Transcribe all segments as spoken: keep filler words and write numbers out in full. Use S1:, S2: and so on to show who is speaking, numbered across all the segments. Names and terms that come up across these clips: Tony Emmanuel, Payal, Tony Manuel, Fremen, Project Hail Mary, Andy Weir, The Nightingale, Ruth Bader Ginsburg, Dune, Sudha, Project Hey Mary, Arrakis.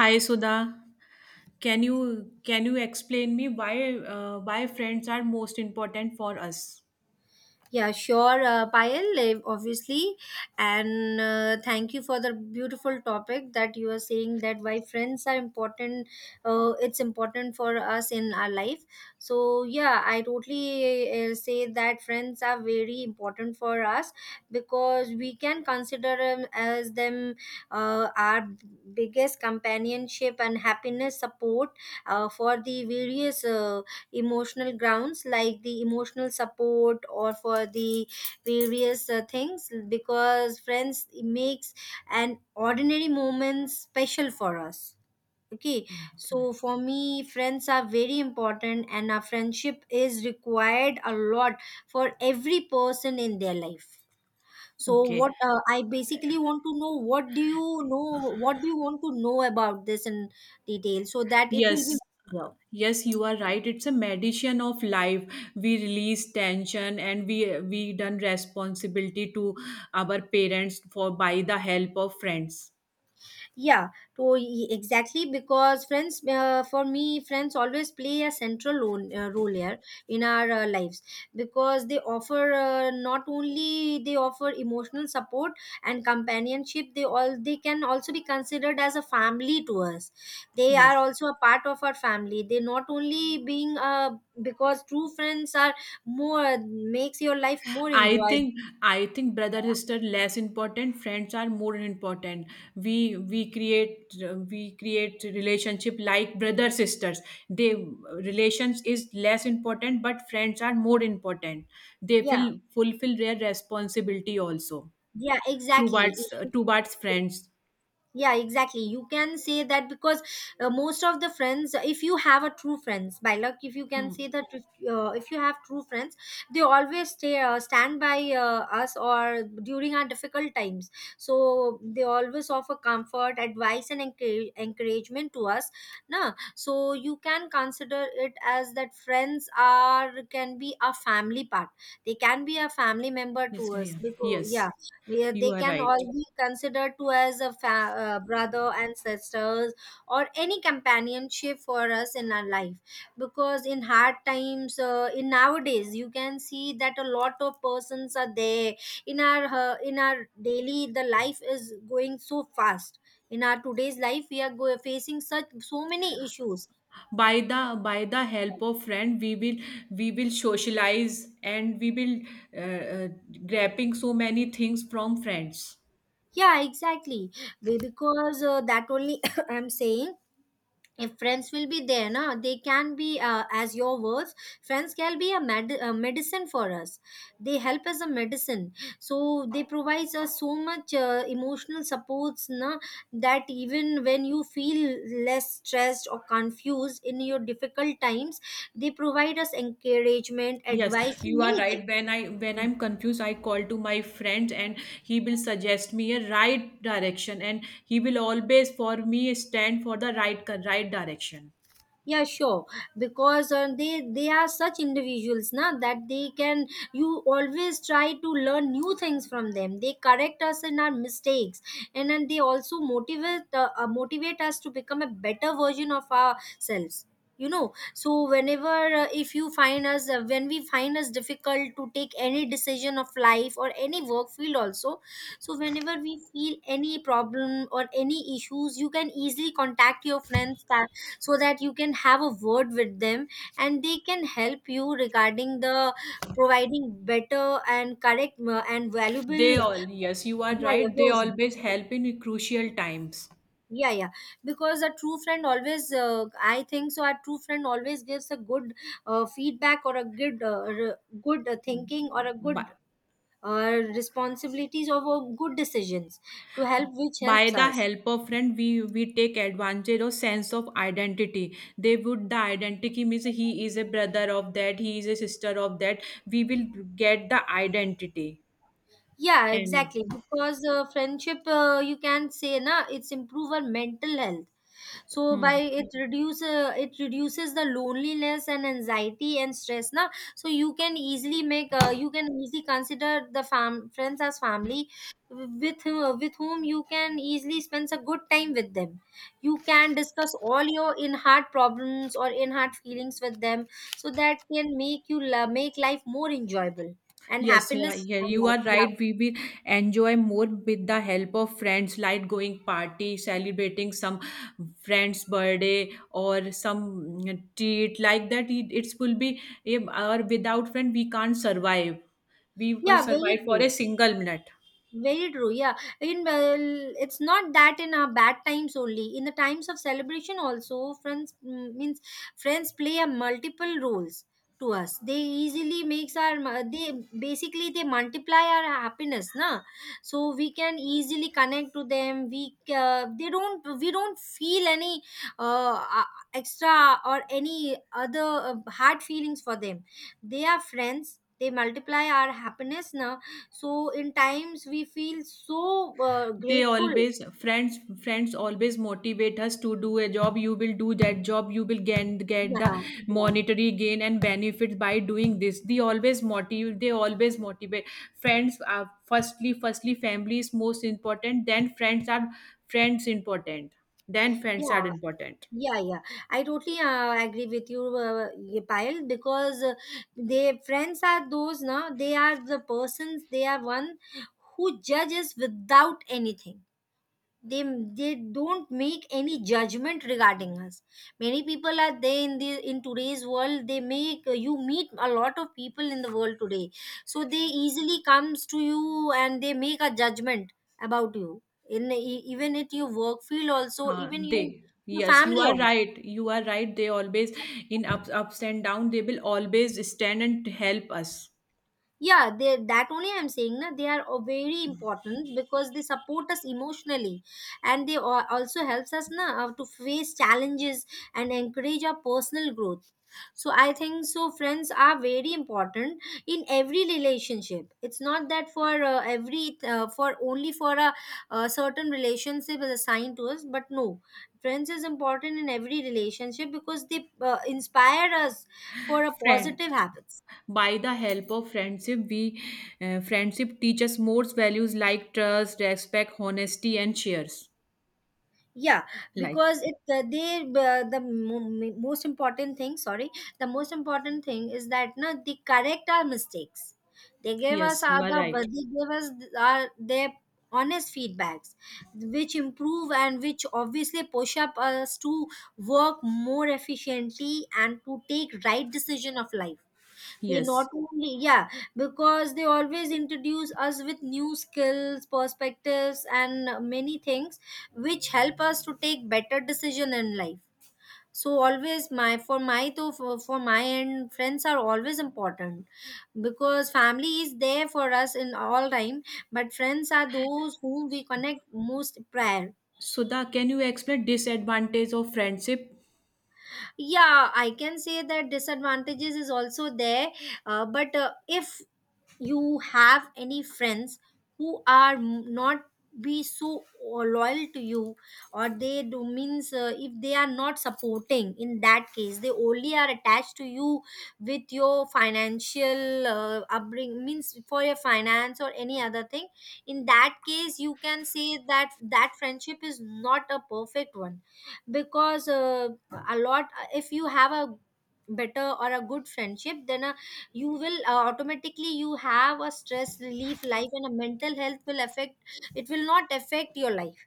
S1: Hi Sudha, can you can you explain me why uh, why friends are most important for us?
S2: Yeah, sure, uh, Payal, eh, obviously. And uh, thank you for the beautiful topic that you are saying, that why friends are important, uh, it's important for us in our life. So, yeah, I totally uh, say that friends are very important for us because we can consider them as them uh, our biggest companionship and happiness support uh, for the various. Uh, emotional grounds like the emotional support or for the various uh, things, because friends makes an ordinary moment special for us, okay?
S1: Okay.
S2: So for me friends are very important and our friendship is required a lot for every person in their life, so
S1: Okay.
S2: what uh, I basically want to know, what do you know, what do you want to know about this in detail, so that it will be
S1: Yes.
S2: clear?
S1: Yes, you are right. It's a medicine of life. We release tension and we we done responsibility to our parents for by the help of friends.
S2: Yeah, to e- exactly, because friends, uh, for me, friends always play a central role, uh, role here in our uh, lives, because they offer uh, not only they offer emotional support and companionship, they all they can also be considered as a family to us. They are
S1: Yes.
S2: also a part of our family. They not only being uh, because true friends are more, makes your life more
S1: I
S2: enjoyable.
S1: think I think brother sister less important friends are more important we we create we create relationship like brother sisters they relations is less important but friends are more important they
S2: Yeah,
S1: will fulfill their responsibility also
S2: yeah, exactly.
S1: towards towards friends.
S2: Yeah, exactly, you can say that because uh, most of the friends, if you have a true friends, by luck, if you can
S1: Hmm.
S2: say that, if, uh, if you have true friends, they always stay uh, stand by uh, us or during our difficult times, so they always offer comfort, advice, and encourage, encouragement to us, na, so you can consider it as that friends are can be a family part, they can be a family member to
S1: Yes,
S2: us,
S1: yeah.
S2: because yeah,
S1: Yes,
S2: where
S1: you
S2: they
S1: are
S2: can
S1: right.
S2: all be considered to as a fa- uh, brother and sisters or any companionship for us in our life, because in hard times, uh, in nowadays, you can see that a lot of persons are there in our uh, in our daily, the life is going so fast, in our today's life we are go- facing such so many issues.
S1: By the by the help of friend we will we will socialize and we will uh, uh, grabbing so many things from friends.
S2: Yeah, exactly. Be- because uh, that only, I'm saying, if friends will be there, na, they can be uh, as your words, friends can be a, med- a medicine for us, they help as a medicine, so they provides us so much uh, emotional supports, na, that even when you feel less stressed or confused in your difficult times, they provide us encouragement,
S1: Yes,
S2: advice, and
S1: you are
S2: many
S1: right.
S2: things.
S1: When i when i'm confused I call to my friend and he will suggest me a right direction and he will always for me stand for the right right direction.
S2: Yeah, sure, because uh, they they are such individuals now, that they can you always try to learn new things from them, they correct us in our mistakes, and then they also motivate uh, uh, motivate us to become a better version of ourselves, you know so whenever uh, if you find us uh, when we find us difficult to take any decision of life or any work field also, so whenever we feel any problem or any issues, you can easily contact your friends, so that you can have a word with them, and they can help you regarding the, providing better and correct uh, and valuable,
S1: They all, yes, you are
S2: yeah, yeah,
S1: right, they
S2: version.
S1: always help in crucial times.
S2: Yeah, yeah. Because a true friend always, uh, I think so. A true friend always gives a good uh, feedback or a good, uh, r- good uh, thinking or a good
S1: Bye.
S2: uh, responsibilities of uh, good decisions to help, which
S1: By
S2: helps
S1: the
S2: us.
S1: help of friend we we take advantage of sense of identity. They would the identity means he is a brother of that, he is a sister of that. We will get the identity
S2: Yeah,
S1: and
S2: exactly. Because uh, friendship, uh, you can say, na, it's improve our mental health. So by
S1: hmm.
S2: it reduce uh, it reduces the loneliness and anxiety and stress, na. So you can easily make uh, you can easily consider the fam friends as family, with who- with whom you can easily spend a good time with them. You can discuss all your in heart problems or in heart feelings with them, so that can make you la- make life more enjoyable, and
S1: Yes, yeah,
S2: happiness
S1: yeah,
S2: and
S1: you
S2: life.
S1: are right. We will enjoy more with the help of friends, like going party, celebrating some friend's birthday or some mm, treat like that. It, it will be eh, or without friend we can't survive. We will
S2: Yeah, very
S1: survive for
S2: true.
S1: a single minute.
S2: Very true. Yeah, in well, it's not that in our bad times only. In the times of celebration also, friends mm, means, friends play a multiple roles to us. They easily makes our mu- they basically they multiply our happiness, na. So we can easily connect to them. We uh, they don't we don't feel any uh, uh, extra or any other uh, hard feelings for them. They are friends. They multiply our happiness now, so in times we feel so uh,
S1: They
S2: grateful.
S1: always friends, friends always motivate us to do a job. You will do that job, you will get get the
S2: Yeah,
S1: monetary gain and benefits by doing this. They always motivate, they always motivate Friends are firstly firstly family is most important, then friends are friends important, then friends are
S2: yeah,
S1: important.
S2: yeah, yeah, yeah. I totally uh, agree with you, uh, yeah, Payal, because uh, they friends are those now. They are the persons. They are one who judges without anything. they they don't make any judgment regarding us. Many people are there, in the in today's world they make you meet a lot of people in the world today, so they easily comes to you and they make a judgment about you, in e- even at your work field also,
S1: Huh,
S2: even your
S1: they
S2: your
S1: yes, you
S2: family
S1: are
S2: also.
S1: right, you are right. They always in ups ups and down they will always stand and help us.
S2: Yeah, they that only I'm saying, na, they are o- very important, because they support us emotionally, and they al- also helps us, na, uh, to face challenges and encourage our personal growth. So I think so friends are very important in every relationship. It's not that for uh, every uh, for only for a, a certain relationship is assigned to us, but no, friends is important in every relationship, because they uh, inspire us for a
S1: Friend,
S2: positive habits.
S1: by the help of friendship we uh, friendship teaches more values like trust, respect, honesty and shares.
S2: Yeah,
S1: Like,
S2: because it uh, they uh, the mo- m- most important thing sorry the most important thing is that, no, they correct our mistakes, they gave
S1: yes,
S2: us
S1: you
S2: our
S1: are right.
S2: the, they gave us our their honest feedbacks, which improve and which obviously push up us to work more efficiently and to take right decision of life. They not
S1: Yes.
S2: only Yeah, because they always introduce us with new skills, perspectives, and many things, which help us to take better decision in life. So always my for my to for, for my end friends are always important, because family is there for us in all time, but friends are those whom we connect most prior.
S1: Sudha, can you explain disadvantage of friendship?
S2: Yeah, I can say that disadvantages is also there, uh, but uh, if you have any friends who are m- not be so uh, loyal to you, or they do means, uh, if they are not supporting, in that case they only are attached to you with your financial uh, upbringing, means for your finance or any other thing, in that case you can say that that friendship is not a perfect one. Because uh, a lot, if you have a better or a good friendship, then a you will uh, automatically you have a stress relief life, and a mental health will affect, it will not affect your life,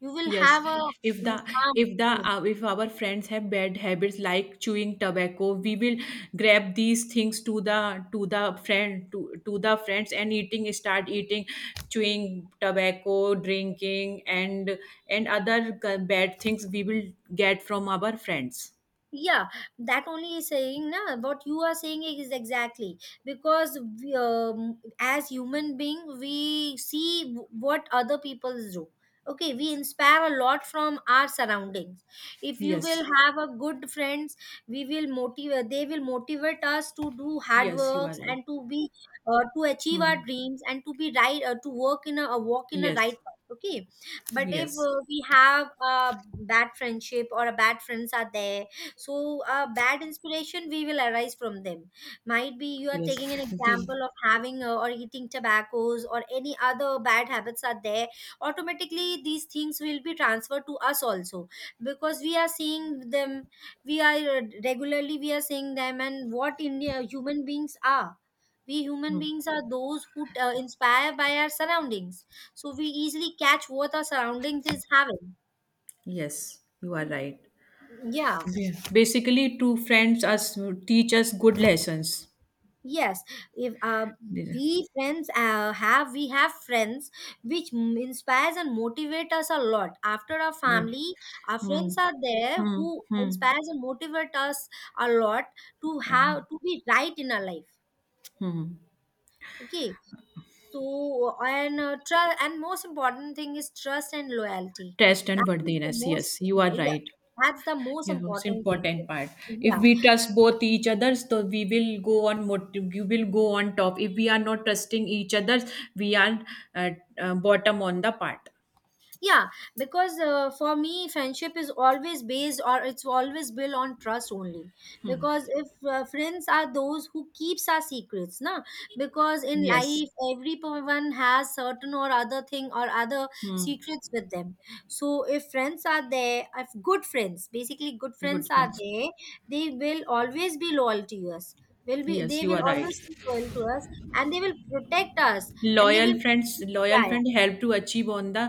S2: you will
S1: Yes,
S2: have a
S1: if the,
S2: mm, calm.
S1: if the uh, if our friends have bad habits like chewing tobacco, we will grab these things to the to the friend to to the friends and eating, start eating, chewing tobacco, drinking and and other g- bad things we will get from our friends.
S2: Yeah, that only is saying, na, what you are saying is exactly, because we, um, as human being we see w- what other people do. Okay, we inspire a lot from our surroundings. If you will
S1: Yes,
S2: have a good friends, we will motivate they will motivate us to do hard
S1: yes, you are
S2: works,
S1: right.
S2: and to be uh, to achieve
S1: Hmm.
S2: our dreams, and to be right uh, to work in a, a walk in a
S1: Yes,
S2: right path, okay? But if
S1: yes,
S2: uh, we have a bad friendship or a bad friends are there, so a bad inspiration we will arise from them. Might be you are
S1: yes,
S2: taking an
S1: the-
S2: example of having uh, or eating tobaccos or any other bad habits are there, automatically these things will be transferred to us also, because we are seeing them, we are uh, regularly we are seeing them. And what india human beings are we human
S1: hmm.
S2: beings are those who uh, inspire by our surroundings, so we easily catch what our surroundings is having.
S1: Yes, you are right.
S2: Yeah.
S1: Yeah. Basically, two friends us teach us good lessons.
S2: Yes, if uh,
S1: These are-
S2: we friends uh, have we have friends which m- inspires and motivate us a lot. After our
S1: yeah.
S2: family, our
S1: Hmm.
S2: friends are there
S1: Hmm.
S2: who
S1: Hmm.
S2: inspires and motivate us a lot, to
S1: Uh,
S2: have to be right in our life.
S1: hmm.
S2: Okay, so and uh, trust, and most important thing is trust and loyalty.
S1: Trust and
S2: That is the
S1: worthiness.
S2: most
S1: Yes, you are
S2: uh, yeah.
S1: right.
S2: That's the most
S1: Yeah, it's
S2: important thing.
S1: important part. If
S2: Yeah,
S1: we trust both each others, so we will go on. Mot- you will go on top. If we are not trusting each others, we are uh, uh, bottom on the part.
S2: yeah, because uh, for me friendship is always based, or it's always built on trust only, because if uh, friends are those who keeps our secrets, na, because in
S1: Yes.
S2: life everyone has certain or other thing or other
S1: Hmm.
S2: secrets with them, so if friends are there if good friends basically good friends
S1: Good
S2: are
S1: friends.
S2: there, they will always be loyal to us, will be
S1: Yes,
S2: they
S1: you
S2: will
S1: are right.
S2: always be loyal to us, and they will protect us, and they
S1: Loyal
S2: will
S1: friends, loyal
S2: yeah, yeah.
S1: friend help to achieve on the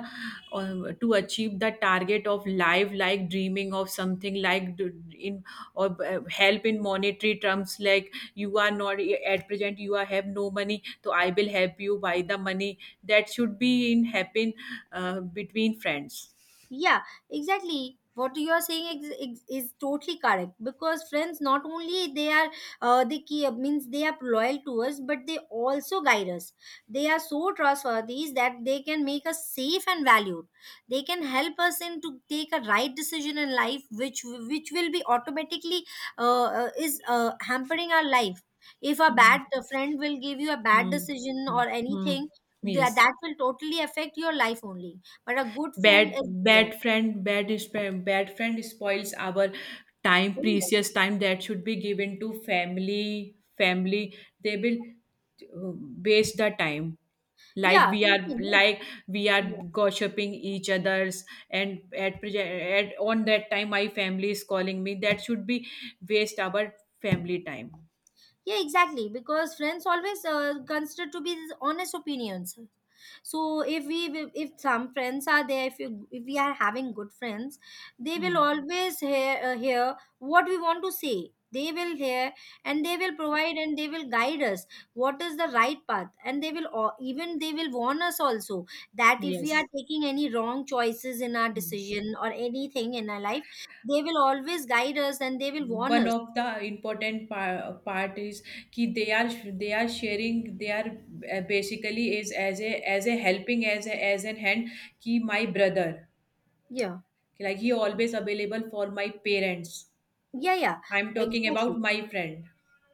S1: uh, to achieve the target of life like dreaming of something like d- in or uh, help in monetary terms like you are not eh, at present you are have no money, so I will help you buy the money, that should be in happen uh, between friends.
S2: Yeah, exactly. What you are saying is, is, is totally correct, because friends not only they are uh, they keep, means they are loyal to us, but they also guide us. They are so trustworthy that they can make us safe and valued. They can help us in to take a right decision in life, which which will be automatically uh, uh, is uh, hampering our life. If a
S1: Hmm.
S2: bad friend will give you a bad
S1: Hmm.
S2: decision
S1: Hmm.
S2: or
S1: Hmm.
S2: anything, that
S1: Yes.
S2: that will totally affect your life only, but a good friend
S1: bad
S2: is there.
S1: bad friend bad is bad friend spoils our time, precious time that should be given to family family They will uh, waste the time, like
S2: Yeah,
S1: we
S2: totally,
S1: are
S2: no?
S1: like we are
S2: Yeah,
S1: gossiping each others. And at, proj- at on that time my family is calling me, that should be waste our family time.
S2: yeah, exactly. Because friends always uh, consider to be these honest opinions. So if we will- if some friends are there, if you if we are having good friends, they will
S1: Hmm.
S2: always hear uh, hear what we want to say, they will hear, and they will provide, and they will guide us what is the right path, and they will al- even they will warn us also, that if we are
S1: Yes.
S2: taking any wrong choices in our
S1: Hmm.
S2: decision or anything in our life, they will always guide us and they will warn
S1: One
S2: us.
S1: of the important par- part is कि they are, they are sharing, they are uh, basically is as a as a helping as a as an hand कि my brother,
S2: Yeah,
S1: like he always available for my parents.
S2: yeah, yeah,
S1: I'm talking
S2: exactly.
S1: about my friend.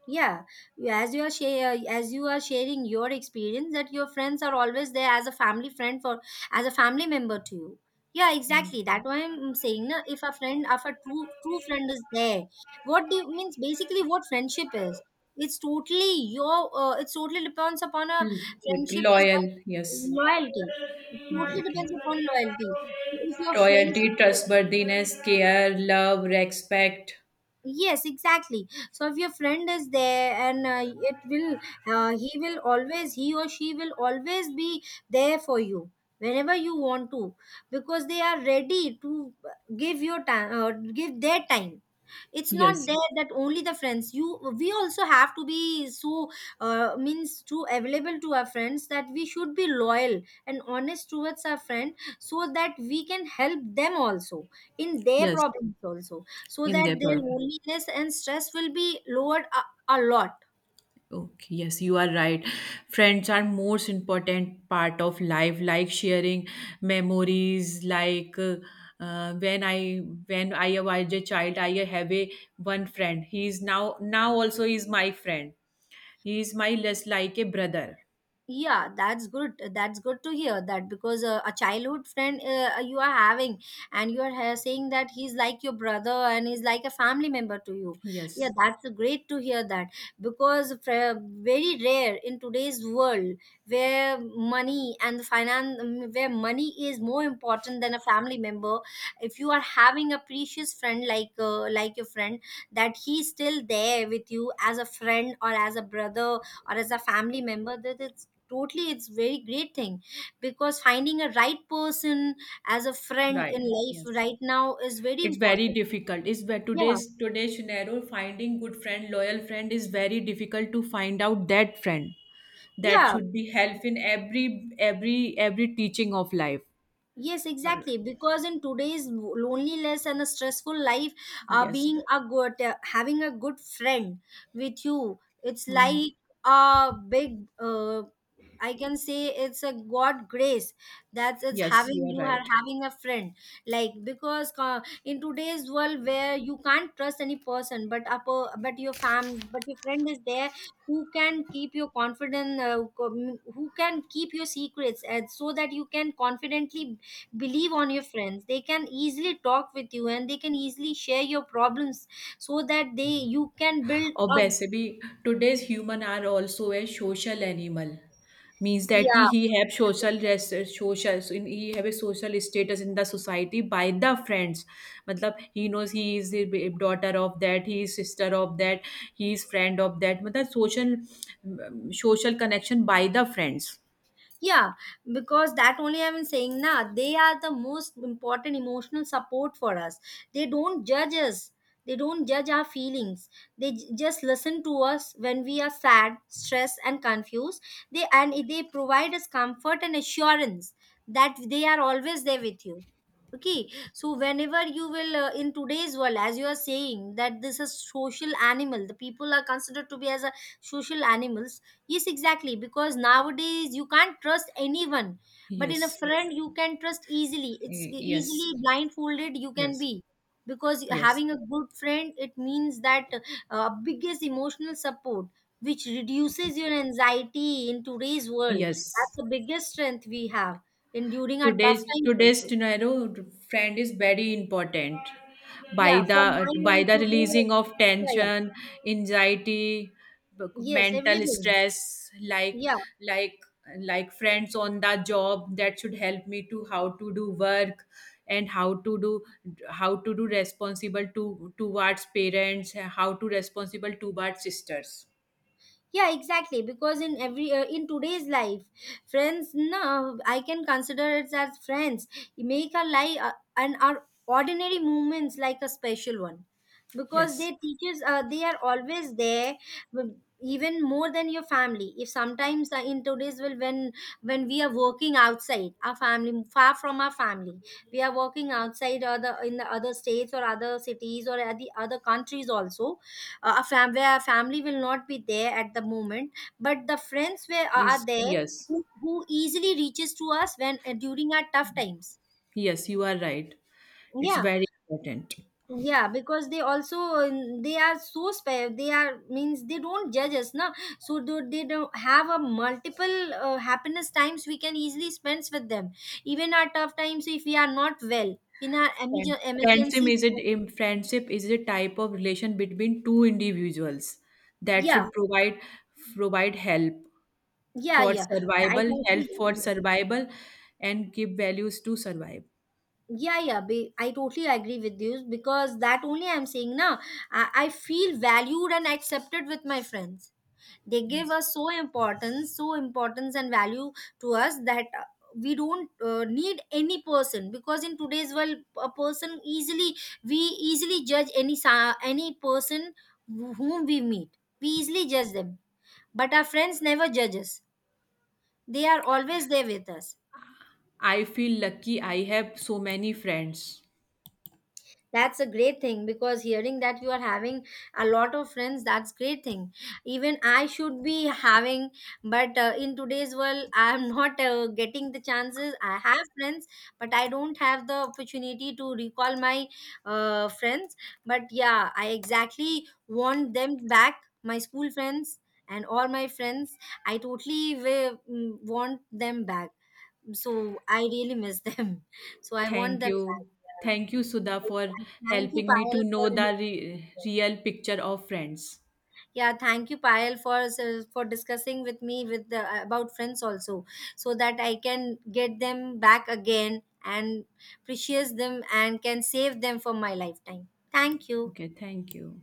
S2: Yeah. You- as you are share, as you are sharing your experience, that your friends are always there as a family friend for, as a family member to you. Yeah,
S1: Mm.
S2: exactly, that's why I'm saying na, if a friend, if a true true friend is there, what do you means basically what friendship is, it's totally your uh, it's totally depends upon a,
S1: L-
S2: friendship is
S1: loyal,
S2: like
S1: yes.
S2: loyalty, it totally depends upon loyalty. If your friends is
S1: Loyalty,
S2: there,
S1: trustworthiness, care, love, respect.
S2: yes exactly, so if your friend is there, and uh, it will, uh, he will always, he or she will always be there for you whenever you want to, because they are ready to give your time uh, give their time. It's not
S1: Yes,
S2: there that only the friends, you, we also have to be so uh, means to available to our friends, that we should be loyal and honest towards our friend, so that we can help them also in their
S1: yes,
S2: problems also, so that
S1: in their
S2: their
S1: problem.
S2: loneliness and stress will be lowered a, a lot.
S1: Okay, yes, you are right. Friends are most important part of life, like sharing memories. Like uh, uh, when I, when I was a child, I have a one friend. He is now now also is my friend. He is my less like a brother.
S2: Yeah, that's good, that's good to hear that, because uh, a childhood friend uh, you are having, and you are ha- saying that he's like your brother and he's like a family member to you. Yeah,
S1: Yes,
S2: that's great to hear that, because fr- very rare in today's world, where money and finance, where money is more important than a family member. If you are having a precious friend, like uh, like your friend, that he's still there with you as a friend or as a brother or as a family member, that it's totally, it's very great thing. Because finding a right person as a friend
S1: right.
S2: in life
S1: Yes.
S2: right now is very
S1: It's very
S2: important.
S1: difficult, it's ve-
S2: Yeah,
S1: today's today's scenario finding good friend, loyal friend is very difficult to find out that friend that
S2: yeah,
S1: should be help in every every every teaching of life.
S2: yes exactly, because in today's loneliness and a stressful life, uh,
S1: Yes.
S2: being a good uh, having a good friend with you, it's
S1: Mm.
S2: like a big uh, I can say it's a God grace. That's it's
S1: Yes, you
S2: having,
S1: are
S2: you are
S1: right.
S2: having a friend. Like, because uh, in today's world where you can't trust any person, but upper, but your fam, but your friend is there who can keep your confidence, uh, com- who can keep your secrets, and so that you can confidently believe on your friends. They can easily talk with you and they can easily share your problems, so that they, you can build a,
S1: Obviously, today's human are also a social animal. Means that
S2: yeah,
S1: he have social res- social so in- he have a social status in the society by the friends. मतलब he knows he is the b- daughter of that, he is sister of that, he is friend of that. मतलब social um, social connection by the friends.
S2: yeah, because that only I'm saying now, they are the most important emotional support for us. They don't judge us, they don't judge our feelings, they j- just listen to us when we are sad, stressed and confused. They And they provide us comfort and assurance that they are always there with you. Okay, so whenever you will, uh, in today's world, as you are saying that this is social animal, the people are considered to be as a social animals. Yes, exactly. Because nowadays you can't trust anyone, but in a
S1: Yes,
S2: friend you can trust easily. It's
S1: Y- yes.
S2: easily blindfolded you can
S1: Yes,
S2: be, because
S1: yes,
S2: having a good friend, it means that uh, biggest emotional support, which reduces your anxiety in today's world.
S1: yes,
S2: That's the biggest strength we have in during our tough
S1: today's
S2: times
S1: today's
S2: also.
S1: scenario friend is very important. By
S2: Yeah,
S1: the
S2: from my
S1: by
S2: end
S1: the
S2: today,
S1: releasing of
S2: yeah, yeah,
S1: tension, anxiety,
S2: yes,
S1: mental
S2: everything.
S1: stress, like
S2: Yeah.
S1: like like friends on the job that should help me to how to do work and how to do, how to do responsible to towards parents, how to responsible towards sisters.
S2: Yeah, exactly, because in every uh, in today's life, friends, no, I can consider it as friends, make our life uh, and our ordinary moments like a special one, because
S1: Yes
S2: they teaches uh, they are always there, w- even more than your family, if sometimes uh, in today's world, when when we are working outside our family, far from our family, we are working outside other in the other states or other cities or at the other countries also, uh, a fam- where our family will not be there at the moment, but the friends were are are
S1: is,
S2: there,
S1: yes,
S2: who, who easily reaches to us when, uh, during our tough times.
S1: yes, you are right, it's
S2: Yeah,
S1: very important.
S2: yeah, because they also, um, they are so spe- they are, means they don't judge us na, so do, they don't have a multiple uh, happiness times we can easily spend with them, even our tough times if we are not well in our
S1: Friend-
S2: emergen-
S1: friendship
S2: emergency.
S1: is a im- friendship is a type of relation between two individuals that
S2: Yeah,
S1: should provide provide help
S2: yeah,
S1: for
S2: yeah, I
S1: survival,
S2: don't
S1: help
S2: see,
S1: for survival, and give values to survive.
S2: yeah, yeah, be, I totally agree with you, because that only I'm saying now, I, I feel valued and accepted with my friends. They give
S1: Yes.
S2: us so importance, so importance and value to us, that uh, we don't uh, need any person, because in today's world, a person easily, we easily judge any sa- any person wh- whom we meet, we easily judge them, but our friends never judge us, they are always there with us.
S1: I feel lucky I have so many friends.
S2: That's a great thing, because hearing that you are having a lot of friends, that's great thing. Even I should be having, but uh, in today's world, I am not uh, getting the chances. I have friends, but I don't have the opportunity to recall my uh, friends. But yeah, I exactly want them back, my school friends and all my friends. I totally wi- mm, want them back. So I really miss them. So I want
S1: Thank
S2: them back.
S1: you.
S2: Yeah.
S1: Thank you, Sudha, for
S2: Thank you,
S1: helping me
S2: Payal,
S1: to
S2: for,
S1: know the re- real picture of friends.
S2: yeah. Thank you, Payal, for for discussing with me with the, about friends also, so that I can get them back again and precious them and can save them for my lifetime. Thank you.
S1: Okay, thank you.